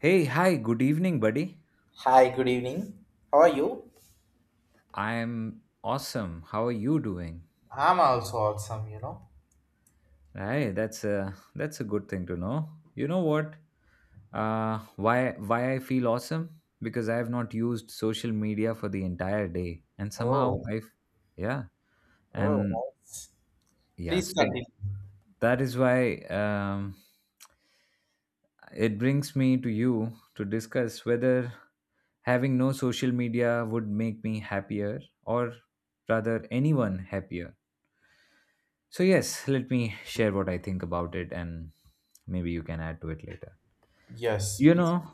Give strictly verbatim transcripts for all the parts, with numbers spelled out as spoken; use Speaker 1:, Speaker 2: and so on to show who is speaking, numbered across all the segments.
Speaker 1: Hey, hi, good evening, buddy.
Speaker 2: Hi, good evening. How are you?
Speaker 1: I'm awesome. How are you doing?
Speaker 2: I'm also awesome, you know.
Speaker 1: Right, that's a that's a good thing to know. You know what? Uh, why why I feel awesome? Because I have not used social media for the entire day, and
Speaker 2: Oh,
Speaker 1: somehow I've yeah, and
Speaker 2: oh, nice.
Speaker 1: yeah.
Speaker 2: Please
Speaker 1: So
Speaker 2: continue.
Speaker 1: that is why um, it brings me to you to discuss whether having no social media would make me happier, or rather, anyone happier. So, yes, let me share what I think about it and maybe you can add to it later.
Speaker 2: Yes,
Speaker 1: You
Speaker 2: please.
Speaker 1: know,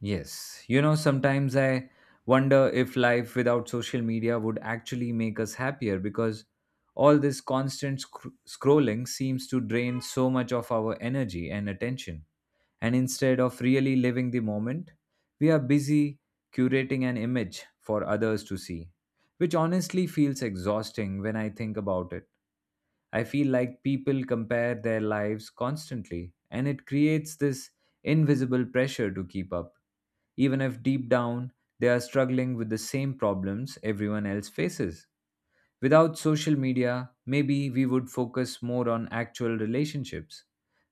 Speaker 1: yes, you know, sometimes I wonder if life without social media would actually make us happier because all this constant sc- scrolling seems to drain so much of our energy and attention. And instead of really living the moment, we are busy curating an image for others to see, which honestly feels exhausting when I think about it. I feel like people compare their lives constantly, and it creates this invisible pressure to keep up, even if deep down they are struggling with the same problems everyone else faces. Without social media, maybe we would focus more on actual relationships,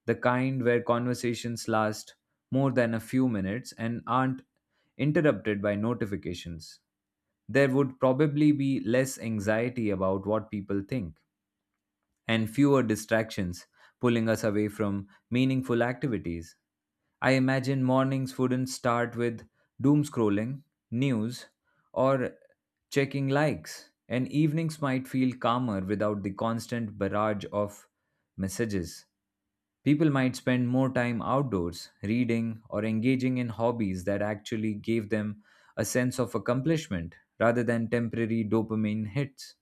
Speaker 1: the kind where conversations last more than a few minutes and aren't interrupted by notifications. There would probably be less anxiety about what people think and fewer distractions pulling us away from meaningful activities. I imagine mornings wouldn't start with doom scrolling, news, or checking likes, and evenings might feel calmer without the constant barrage of messages. People might spend more time outdoors, reading, or engaging in hobbies that actually gave them a sense of accomplishment rather than temporary dopamine hits.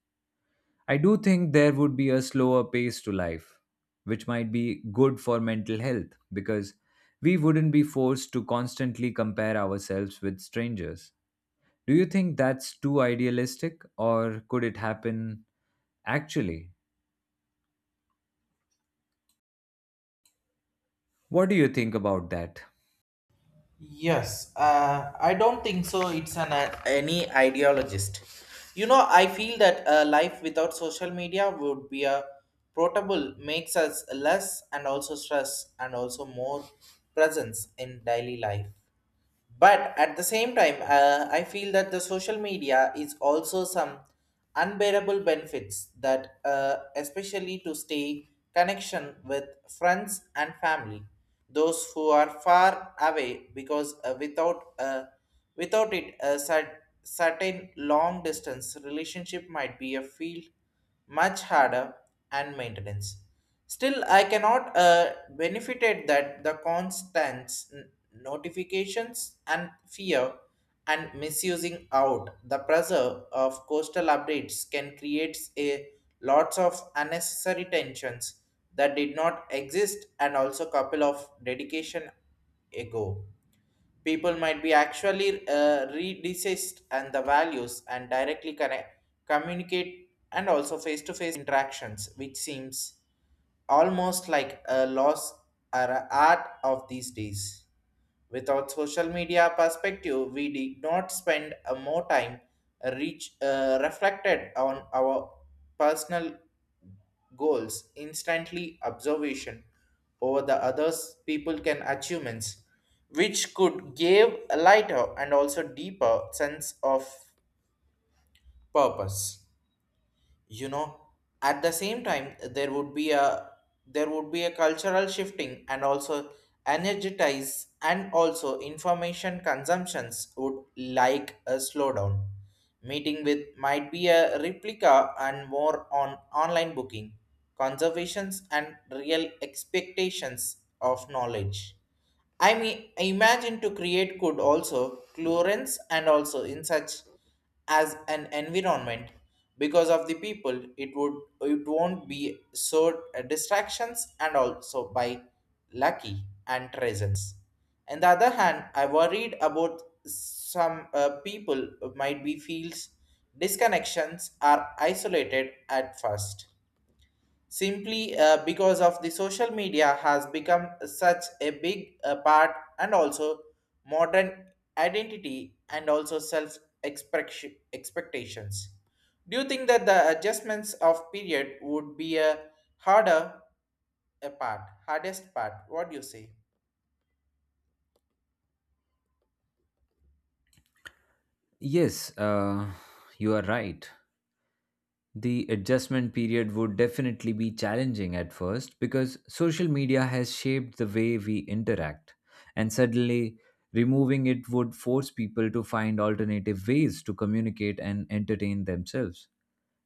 Speaker 1: I do think there would be a slower pace to life, which might be good for mental health because we wouldn't be forced to constantly compare ourselves with strangers. Do you think that's too idealistic or could it happen actually? What do you think about that?
Speaker 2: Yes, uh, I don't think so. It's an uh, any ideologist. You know, I feel that a life without social media would be a portable makes us less and also stress and also more presence in daily life. But at the same time, uh, I feel that the social media is also some unbearable benefits that, uh, especially to stay connection with friends and family, those who are far away, because uh, without uh, without it, a cer- certain long distance relationship might be a field much harder and maintenance. Still, I cannot uh, benefited that the constant n- notifications and fear and misusing out the pressure of coastal updates can create a lots of unnecessary tensions that did not exist and also couple of dedication ago people might be actually uh, redesist and the values and directly connect communicate and also face-to-face interactions which seems almost like a loss or a art of these days. Without social media perspective, we did not spend a more time reach uh, reflected on our personal goals. Instantly observation over the others people can achievements, which could give a lighter and also deeper sense of purpose, you know. At the same time there would be a there would be a cultural shifting and also energize and also information consumptions would like a slowdown meeting with might be a replica and more on online booking conservations and real expectations of knowledge. I mean, imagine to create could also clearance and also in such as an environment because of the people it would it won't be so uh, distractions and also by lucky and presence. On the other hand, I worried about some uh, people might be feels disconnections are isolated at first simply uh, because of the social media has become such a big uh, part and also modern identity and also self expectations. Do you think that the adjustments of period would be a harder, a part, hardest part? What do you say?
Speaker 1: Yes, uh, you are right. The adjustment period would definitely be challenging at first because social media has shaped the way we interact, and suddenly removing it would force people to find alternative ways to communicate and entertain themselves,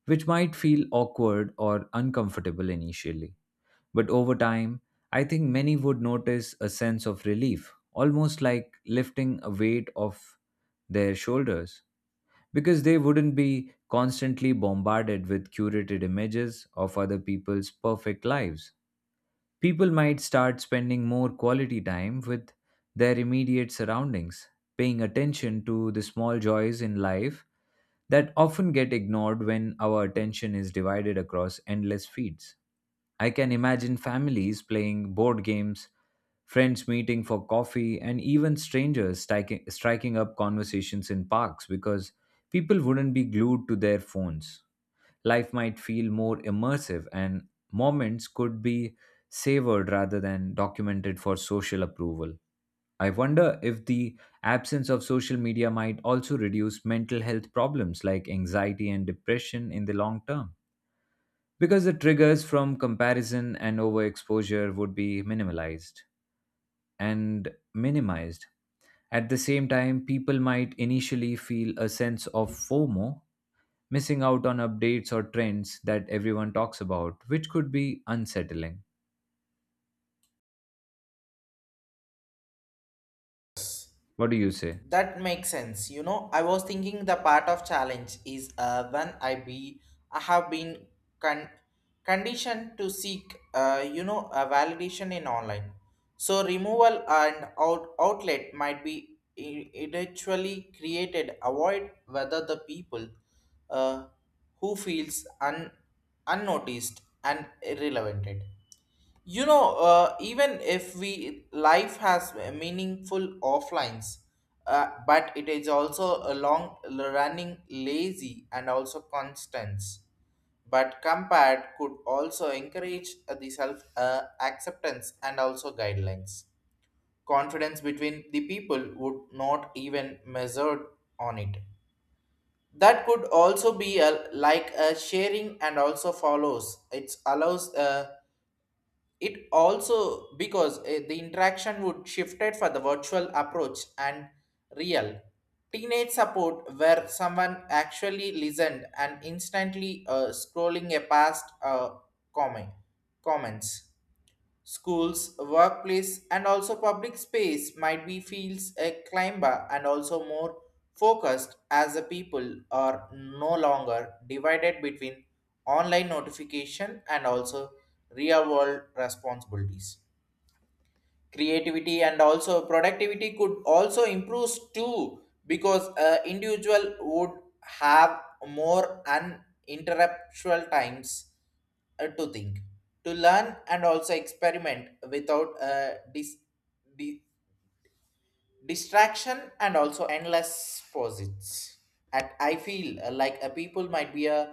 Speaker 1: which might feel awkward or uncomfortable initially. But over time, I think many would notice a sense of relief, almost like lifting a weight off their shoulders because they wouldn't be constantly bombarded with curated images of other people's perfect lives. People might start spending more quality time with their immediate surroundings, paying attention to the small joys in life that often get ignored when our attention is divided across endless feeds. I can imagine families playing board games, friends meeting for coffee, and even strangers striking, striking up conversations in parks because people wouldn't be glued to their phones. Life might feel more immersive, and moments could be savored rather than documented for social approval. I wonder if the absence of social media might also reduce mental health problems like anxiety and depression in the long term because the triggers from comparison and overexposure would be minimalized and minimized. At the same time, people might initially feel a sense of FOMO, missing out on updates or trends that everyone talks about, which could be unsettling. What do you say?
Speaker 2: That makes sense. You know, I was thinking the part of challenge is uh, when I be I have been con- conditioned to seek, uh, you know, a validation in online. So removal and out- outlet might be i- eventually created. Avoid whether the people uh, who feels un- unnoticed and irrelevant. You know, uh, even if we life has meaningful offlines, uh, but it is also a long running lazy and also constants. But compared could also encourage uh, the self uh, acceptance and also guidelines. Confidence between the people would not even measured on it. That could also be a, like a sharing and also follows. It allows. Uh, it also because uh, the interaction would shifted for the virtual approach and real teenage support where someone actually listened and instantly uh, scrolling a past uh, comment comments. Schools, workplace, and also public space might be feels a climber and also more focused as the people are no longer divided between online notification and also real world responsibilities. Creativity and also productivity could also improve too because uh, individual would have more uninterruptual times uh, to think, to learn and also experiment without uh, dis- distraction and also endless posits. And I feel uh, like a people might be uh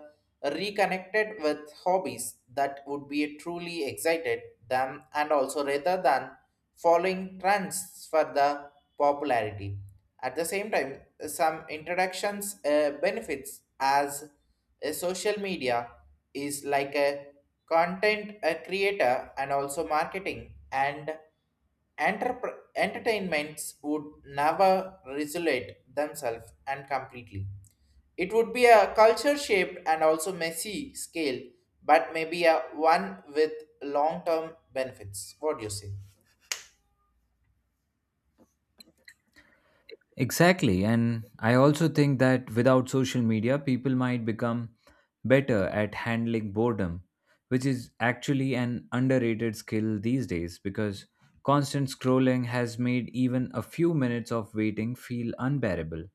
Speaker 2: reconnected with hobbies that would be truly excited them and also rather than following trends for the popularity. At the same time, some introductions uh, benefits as a social media is like a content a creator and also marketing and Entrep- entertainments would never isolate themselves and completely. It would be a culture shaped and also messy scale, but maybe a one with long term benefits. What do you say?
Speaker 1: Exactly. And I also think that without social media, people might become better at handling boredom, which is actually an underrated skill these days because constant scrolling has made even a few minutes of waiting feel unbearable.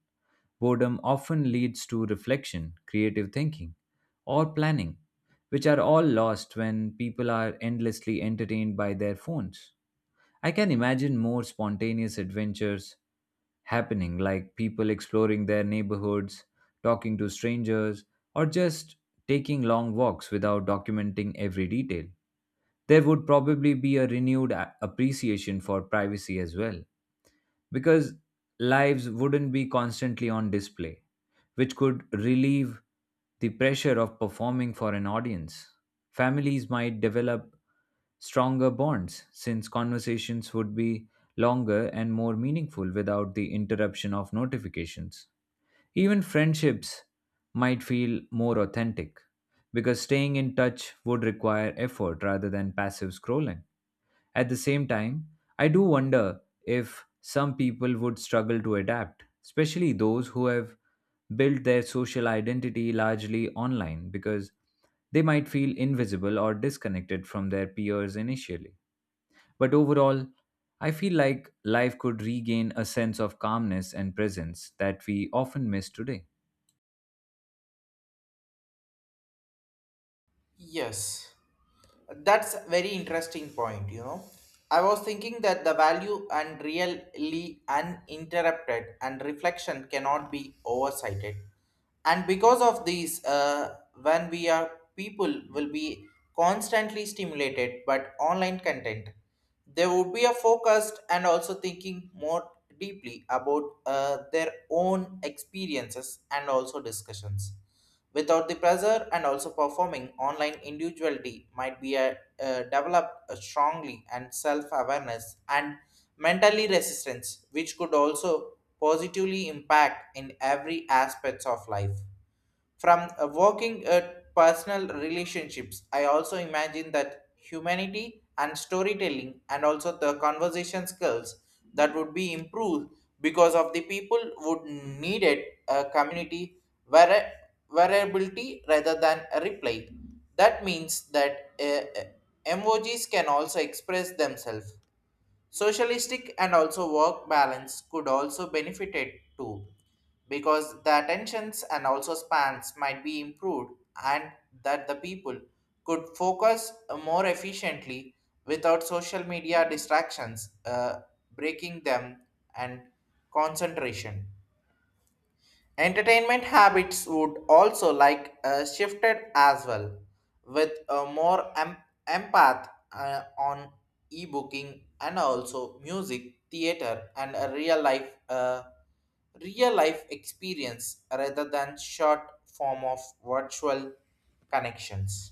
Speaker 1: Boredom often leads to reflection, creative thinking, or planning, which are all lost when people are endlessly entertained by their phones. I can imagine more spontaneous adventures happening, like people exploring their neighborhoods, talking to strangers, or just taking long walks without documenting every detail. There would probably be a renewed a- appreciation for privacy as well because lives wouldn't be constantly on display, which could relieve the pressure of performing for an audience. Families might develop stronger bonds since conversations would be longer and more meaningful without the interruption of notifications. Even friendships might feel more authentic because staying in touch would require effort rather than passive scrolling. At the same time, I do wonder if some people would struggle to adapt, especially those who have built their social identity largely online because they might feel invisible or disconnected from their peers initially. But overall, I feel like life could regain a sense of calmness and presence that we often miss today.
Speaker 2: Yes. That's very interesting point, you know. I was thinking that the value and really uninterrupted and reflection cannot be oversighted. And because of these, uh, when we are people will be constantly stimulated but online content, they would be a focused and also thinking more deeply about uh, their own experiences and also discussions. Without the pressure and also performing, online individuality might be a, uh, developed uh, strongly and self awareness and mentally resistance, which could also positively impact in every aspects of life. From uh, working at personal relationships, I also imagine that humanity and storytelling and also the conversation skills that would be improved because of the people would need it a community vari- variability rather than a reply. That means that uh, uh, emojis can also express themselves. Socialistic and also work balance could also benefit it too, because the attentions and also spans might be improved and that the people could focus more efficiently without social media distractions, uh, breaking them and concentration. Entertainment habits would also like uh, shifted as well, with a more em- empath uh, on e-booking and also music, theater, and a real life uh, real life experience rather than short form of virtual connections.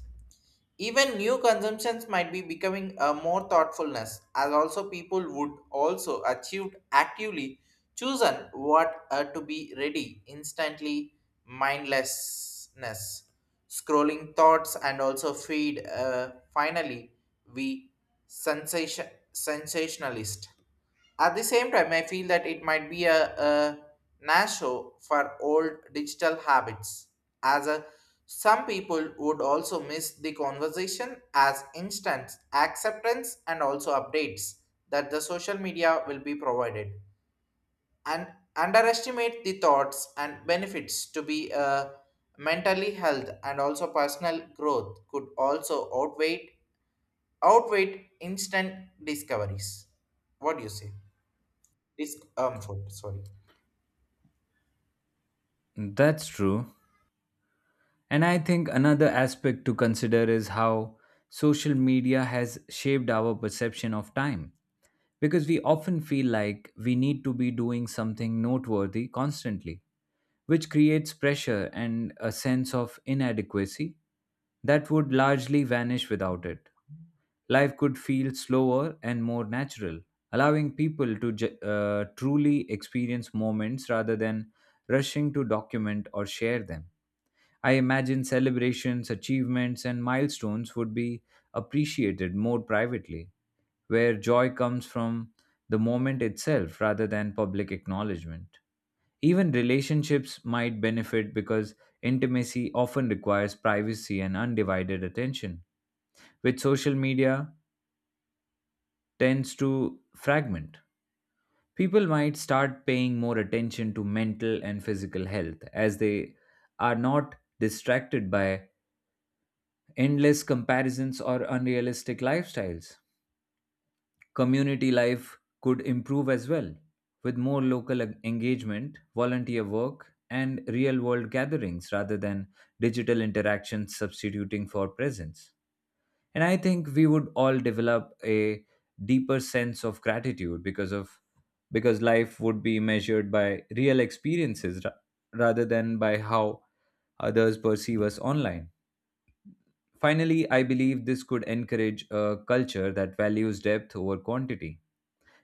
Speaker 2: Even new consumptions might be becoming a more thoughtfulness, as also people would also achieve actively chosen what uh, to be ready instantly mindlessness, scrolling thoughts and also feed. Uh, finally, we sensation sensationalist. At the same time, I feel that it might be a, a nasho for old digital habits, as a, some people would also miss the conversation as instant acceptance and also updates that the social media will be provided, and underestimate the thoughts and benefits to be uh, mentally health and also personal growth could also outweigh outweigh instant discoveries. What do you say? Discomfort, sorry.
Speaker 1: That's true. And I think another aspect to consider is how social media has shaped our perception of time, because we often feel like we need to be doing something noteworthy constantly, which creates pressure and a sense of inadequacy that would largely vanish without it. Life could feel slower and more natural, allowing people to ju- uh, truly experience moments rather than rushing to document or share them. I imagine celebrations, achievements, and milestones would be appreciated more privately where joy comes from the moment itself rather than public acknowledgement. Even relationships might benefit because intimacy often requires privacy and undivided attention, which social media tends to fragment. People might start paying more attention to mental and physical health as they are not distracted by endless comparisons or unrealistic lifestyles. Community life could improve as well, with more local en- engagement, volunteer work, and real world gatherings rather than digital interactions substituting for presence. And I think we would all develop a deeper sense of gratitude because of because life would be measured by real experiences ra- rather than by how others perceive us online. Finally, I believe this could encourage a culture that values depth over quantity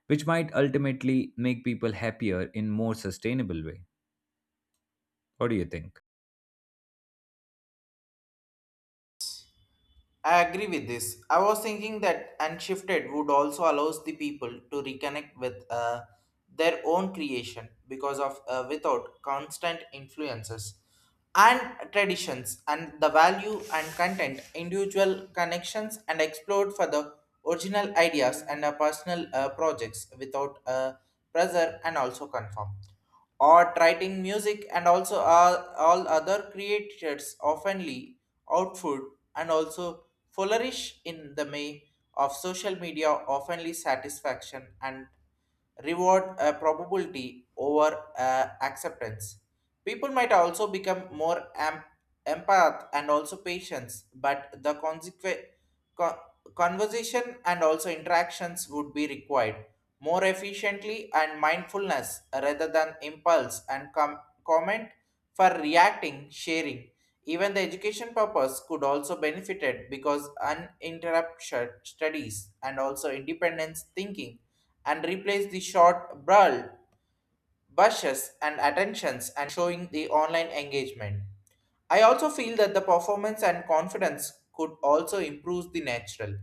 Speaker 1: which might ultimately make people happier in more sustainable way. What do you think?
Speaker 2: I agree with this. I was thinking that Unshifted would also allows the people to reconnect with uh, their own creation because of uh, without constant influences and traditions and the value and content individual connections and explored for the original ideas and uh, personal uh, projects without uh, pressure and also confirm. Or writing music and also all, all other creators oftenly output and also flourish in the may of social media oftenly satisfaction and reward a probability over uh, acceptance. People might also become more am- empath and also patience but the consequence conversation and also interactions would be required more efficiently and mindfulness rather than impulse and com- comment for reacting sharing. Even the education purpose could also benefited because uninterrupted studies and also independence thinking and replace the short brawl bushes and attentions and showing the online engagement. I also feel that the performance and confidence could also improve the natural,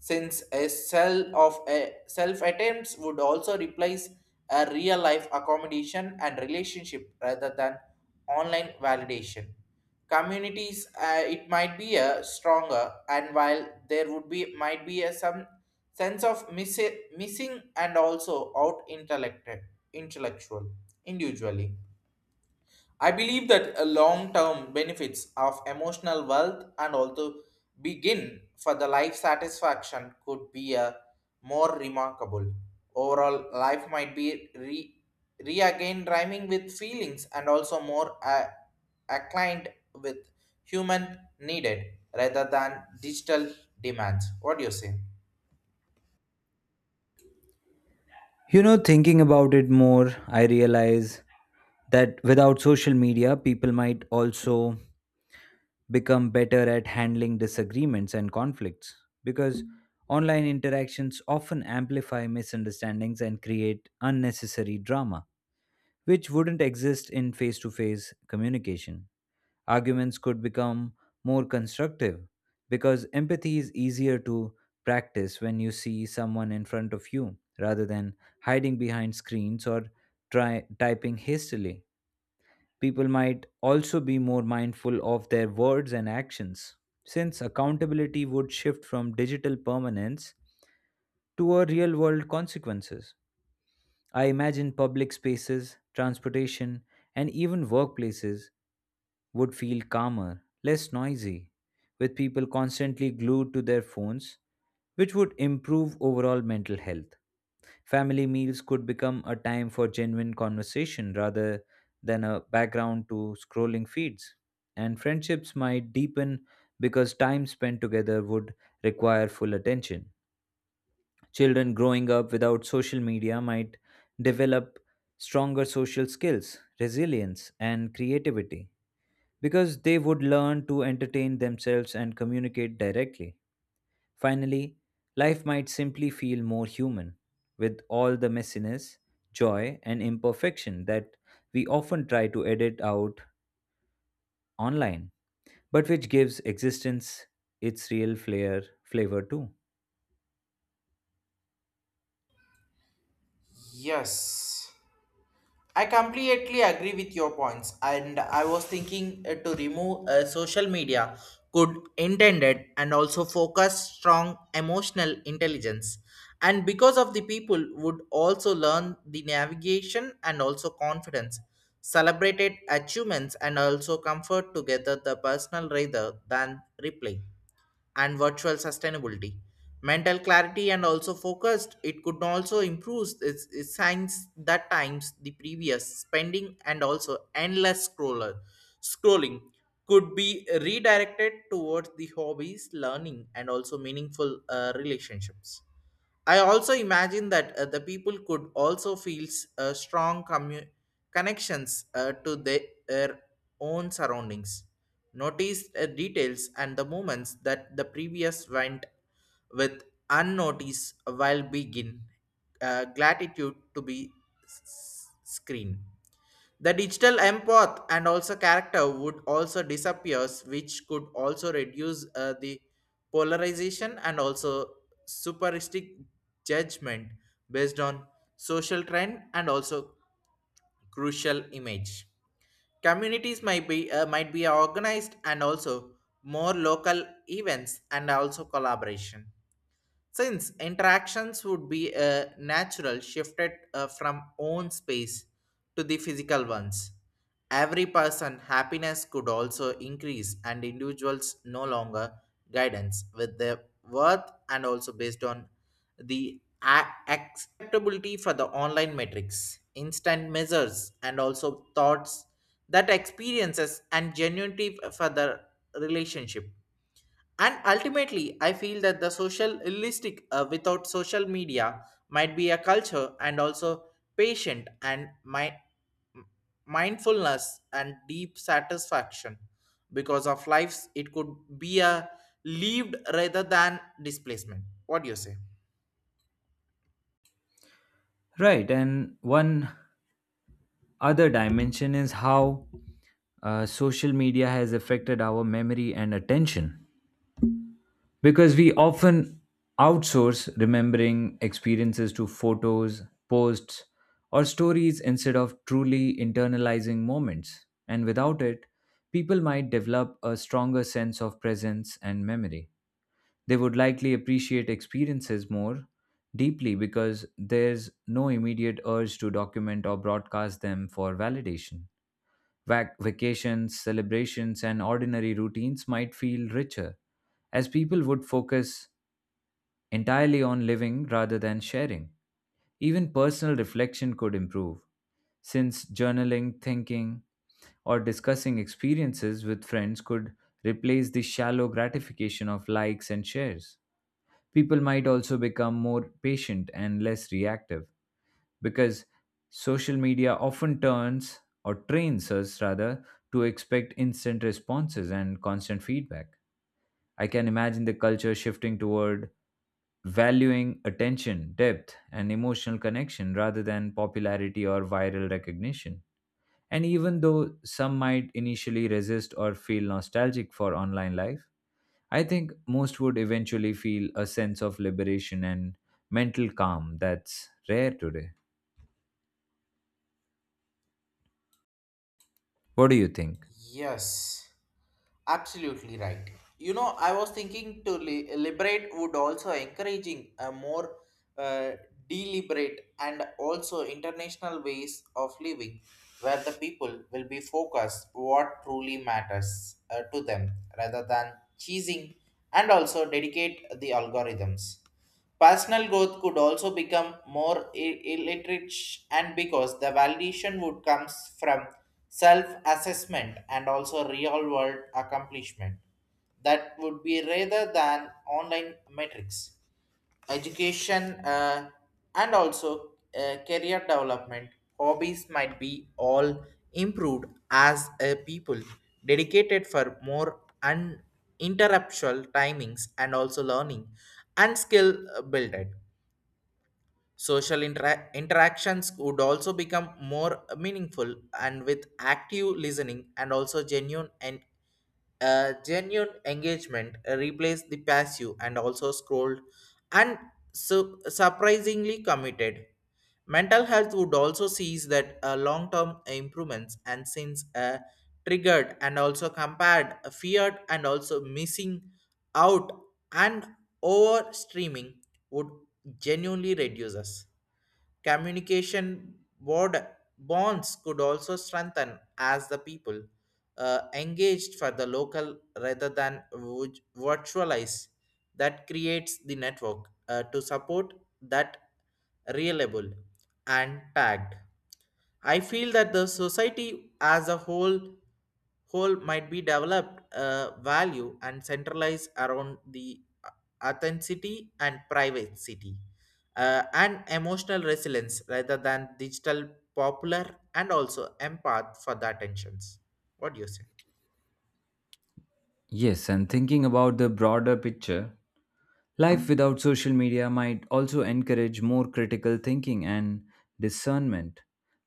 Speaker 2: since a cell of a self attempts would also replace a real life accommodation and relationship rather than online validation. Communities uh, it might be a stronger and while there would be might be a some sense of miss- missing and also out intellected intellectual individually. I believe that a long-term benefits of emotional wealth and also begin for the life satisfaction could be a more remarkable. Overall, life might be re, re again rhyming with feelings and also more uh, aligned with human needed rather than digital demands. What do you say?
Speaker 1: You know, thinking about it more, I realize that without social media, people might also become better at handling disagreements and conflicts because online interactions often amplify misunderstandings and create unnecessary drama, which wouldn't exist in face to face communication. Arguments could become more constructive because empathy is easier to practice when you see someone in front of you rather than hiding behind screens or try typing hastily. People might also be more mindful of their words and actions, since accountability would shift from digital permanence to a real world consequences. I imagine public spaces, transportation, and even workplaces would feel calmer, less noisy, with people constantly glued to their phones, which would improve overall mental health. Family meals could become a time for genuine conversation rather than a background to scrolling feeds. And friendships might deepen because time spent together would require full attention. Children growing up without social media might develop stronger social skills, resilience, and creativity because they would learn to entertain themselves and communicate directly. Finally, life might simply feel more human with all the messiness, joy, and imperfection that we often try to edit out online, but which gives existence its real flair, flavor too.
Speaker 2: Yes. I completely agree with your points, and I was thinking uh, to remove uh, social media could intended and also focus strong emotional intelligence. And because of the people would also learn the navigation and also confidence, celebrated achievements and also comfort together the personal rather than replay and virtual sustainability. Mental clarity and also focused, it could also improve its, its signs that times the previous spending and also endless scroller scrolling could be redirected towards the hobbies, learning, and also meaningful uh, relationships. I also imagine that uh, the people could also feel s- uh, strong commu- connections uh, to the- their own surroundings, notice uh, details and the moments that the previous went with unnoticed while begin uh, gratitude to be s- s- screen. The digital empath and also character would also disappears, which could also reduce uh, the polarization and also superistic judgment based on social trend and also crucial image. Communities might be uh, might be organized and also more local events and also collaboration. Since interactions would be a natural shifted uh, from own space to the physical ones, every person happiness could also increase and individuals no longer guidance with their worth and also based on the a- acceptability for the online metrics, instant measures and also thoughts that experiences and genuinity for the relationship and ultimately, I feel that the social realistic uh, without social media might be a culture and also patient and mi- mindfulness and deep satisfaction because of lives it could be a lived rather than displacement. What do you say?
Speaker 1: Right, and one other dimension is how uh, social media has affected our memory and attention because we often outsource remembering experiences to photos, posts, or stories instead of truly internalizing moments. And without it, people might develop a stronger sense of presence and memory. They would likely appreciate experiences more deeply because there's no immediate urge to document or broadcast them for validation. Vac- vacations, celebrations, and ordinary routines might feel richer, as people would focus entirely on living rather than sharing. Even personal reflection could improve, since journaling, thinking, or discussing experiences with friends could replace the shallow gratification of likes and shares. People might also become more patient and less reactive, because social media often turns or trains us rather to expect instant responses and constant feedback. I can imagine the culture shifting toward valuing attention, depth, and emotional connection rather than popularity or viral recognition. And even though some might initially resist or feel nostalgic for online life, I think most would eventually feel a sense of liberation and mental calm that's rare today. What do you think?
Speaker 2: Yes, absolutely right. You know, I was thinking to li- liberate would also encouraging a more uh, deliberate and also international ways of living, where the people will be focused what truly matters uh, to them rather than cheesing and also dedicate the algorithms. Personal growth could also become more i- illiterate and because the validation would comes from self-assessment and also real-world accomplishment that would be rather than online metrics. Education uh, and also uh, career development hobbies might be all improved as a people dedicated for more uninterruptual timings and also learning and skill builded. Social intera- interactions would also become more meaningful and with active listening and also genuine and uh, genuine engagement uh, replace the passive and also scrolled and su- surprisingly committed. Mental health would also sees that uh, long-term improvements and since uh, triggered and also compared, uh, feared and also missing out and over streaming would genuinely reduces. Communication board bonds could also strengthen as the people uh, engaged for the local rather than vu- virtualize that creates the network uh, to support that reliable and tagged. I feel that the society as a whole whole might be developed uh, value and centralized around the uh, authenticity and privacy uh, and emotional resilience rather than digital popular and also empath for the attentions. What do you say?
Speaker 1: Yes, and thinking about the broader picture, life without social media might also encourage more critical thinking and discernment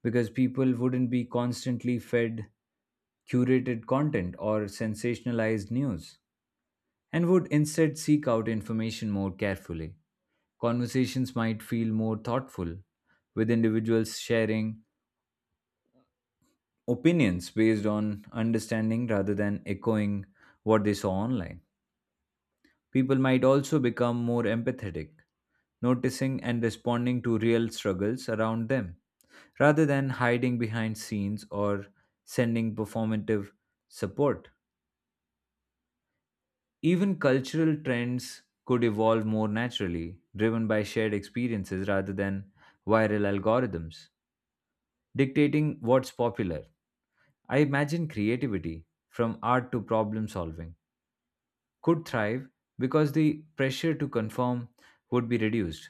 Speaker 1: because people wouldn't be constantly fed curated content or sensationalized news and would instead seek out information more carefully. Conversations might feel more thoughtful, with individuals sharing opinions based on understanding rather than echoing what they saw online. People might also become more empathetic, noticing and responding to real struggles around them, rather than hiding behind scenes or sending performative support. Even cultural trends could evolve more naturally, driven by shared experiences rather than viral algorithms, dictating what's popular. I imagine creativity, from art to problem solving, could thrive because the pressure to conform would be reduced,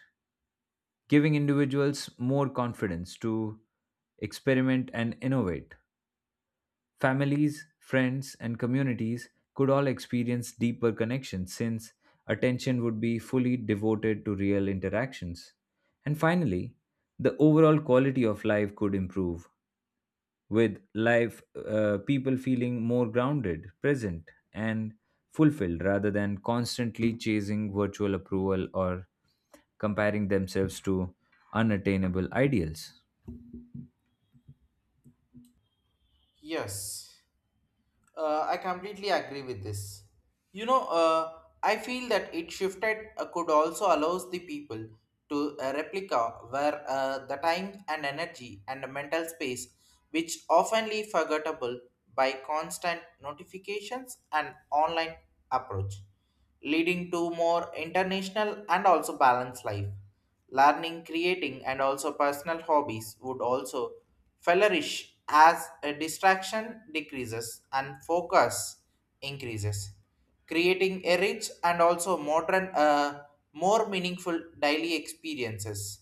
Speaker 1: giving individuals more confidence to experiment and innovate. Families, friends, and communities could all experience deeper connections since attention would be fully devoted to real interactions. And finally, the overall quality of life could improve with life uh, people feeling more grounded present and fulfilled rather than constantly chasing virtual approval or comparing themselves to unattainable ideals.
Speaker 2: Yes. Uh, I completely agree with this. You know, uh, I feel that it shifted uh, could also allows the people to uh, replica where uh, the time and energy and the mental space, which oftenly forgettable by constant notifications and online approach leading to more international and also balanced life. Learning, creating, and also personal hobbies would also flourish as a distraction decreases and focus increases, creating a rich and also modern, uh, more meaningful daily experiences.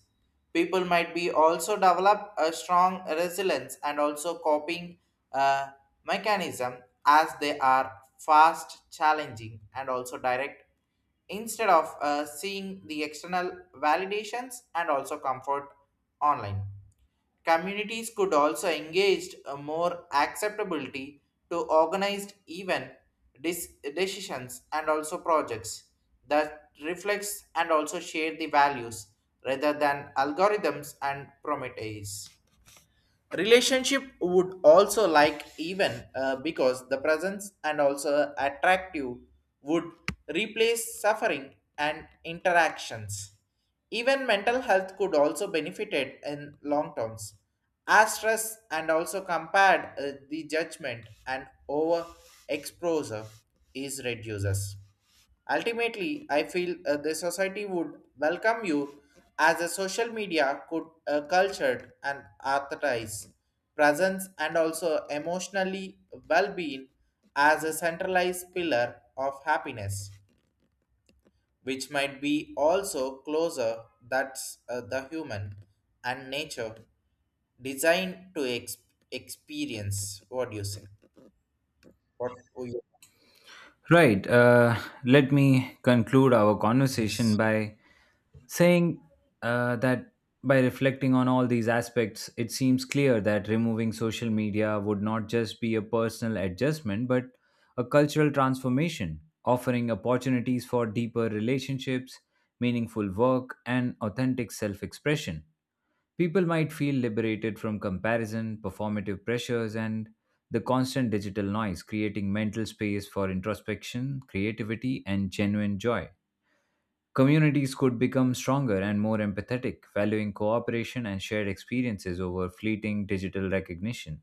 Speaker 2: People might be also develop a strong resilience and also coping uh, mechanism as they are fast challenging and also direct instead of uh, seeing the external validations and also comfort online. Communities could also engage a more acceptability to organized event dis- decisions and also projects that reflects and also share the values rather than algorithms and prometheus relationship would also like even uh, because the presence and also attractive would replace suffering and interactions. Even mental health could also benefited in long terms as stress and also compared, uh, the judgment and over exposure is reduces. Ultimately, I feel uh, the society would welcome you as a social media could uh, cultured and arthritis presence and also emotionally well-being as a centralized pillar of happiness, which might be also closer that's uh, the human and nature designed to ex- experience. What do you say? What? Oh,
Speaker 1: Right. Uh, let me conclude our conversation
Speaker 2: yes.
Speaker 1: by saying uh, that by reflecting on all these aspects, it seems clear that removing social media would not just be a personal adjustment, but a cultural transformation, offering opportunities for deeper relationships, meaningful work, and authentic self expression. People might feel liberated from comparison, performative pressures, and the constant digital noise, creating mental space for introspection, creativity, and genuine joy. Communities could become stronger and more empathetic, valuing cooperation and shared experiences over fleeting digital recognition.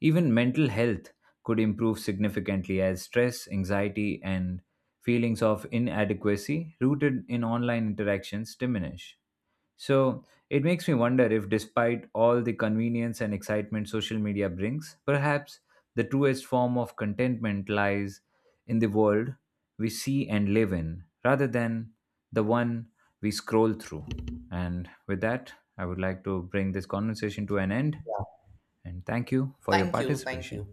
Speaker 1: Even mental health could improve significantly as stress, anxiety, and feelings of inadequacy rooted in online interactions diminish. So it makes me wonder if, despite all the convenience and excitement social media brings, perhaps the truest form of contentment lies in the world we see and live in rather than the one we scroll through. And with that, I would like to bring this conversation to an end. And thank you for your
Speaker 2: Thank you. Thank you.
Speaker 1: participation.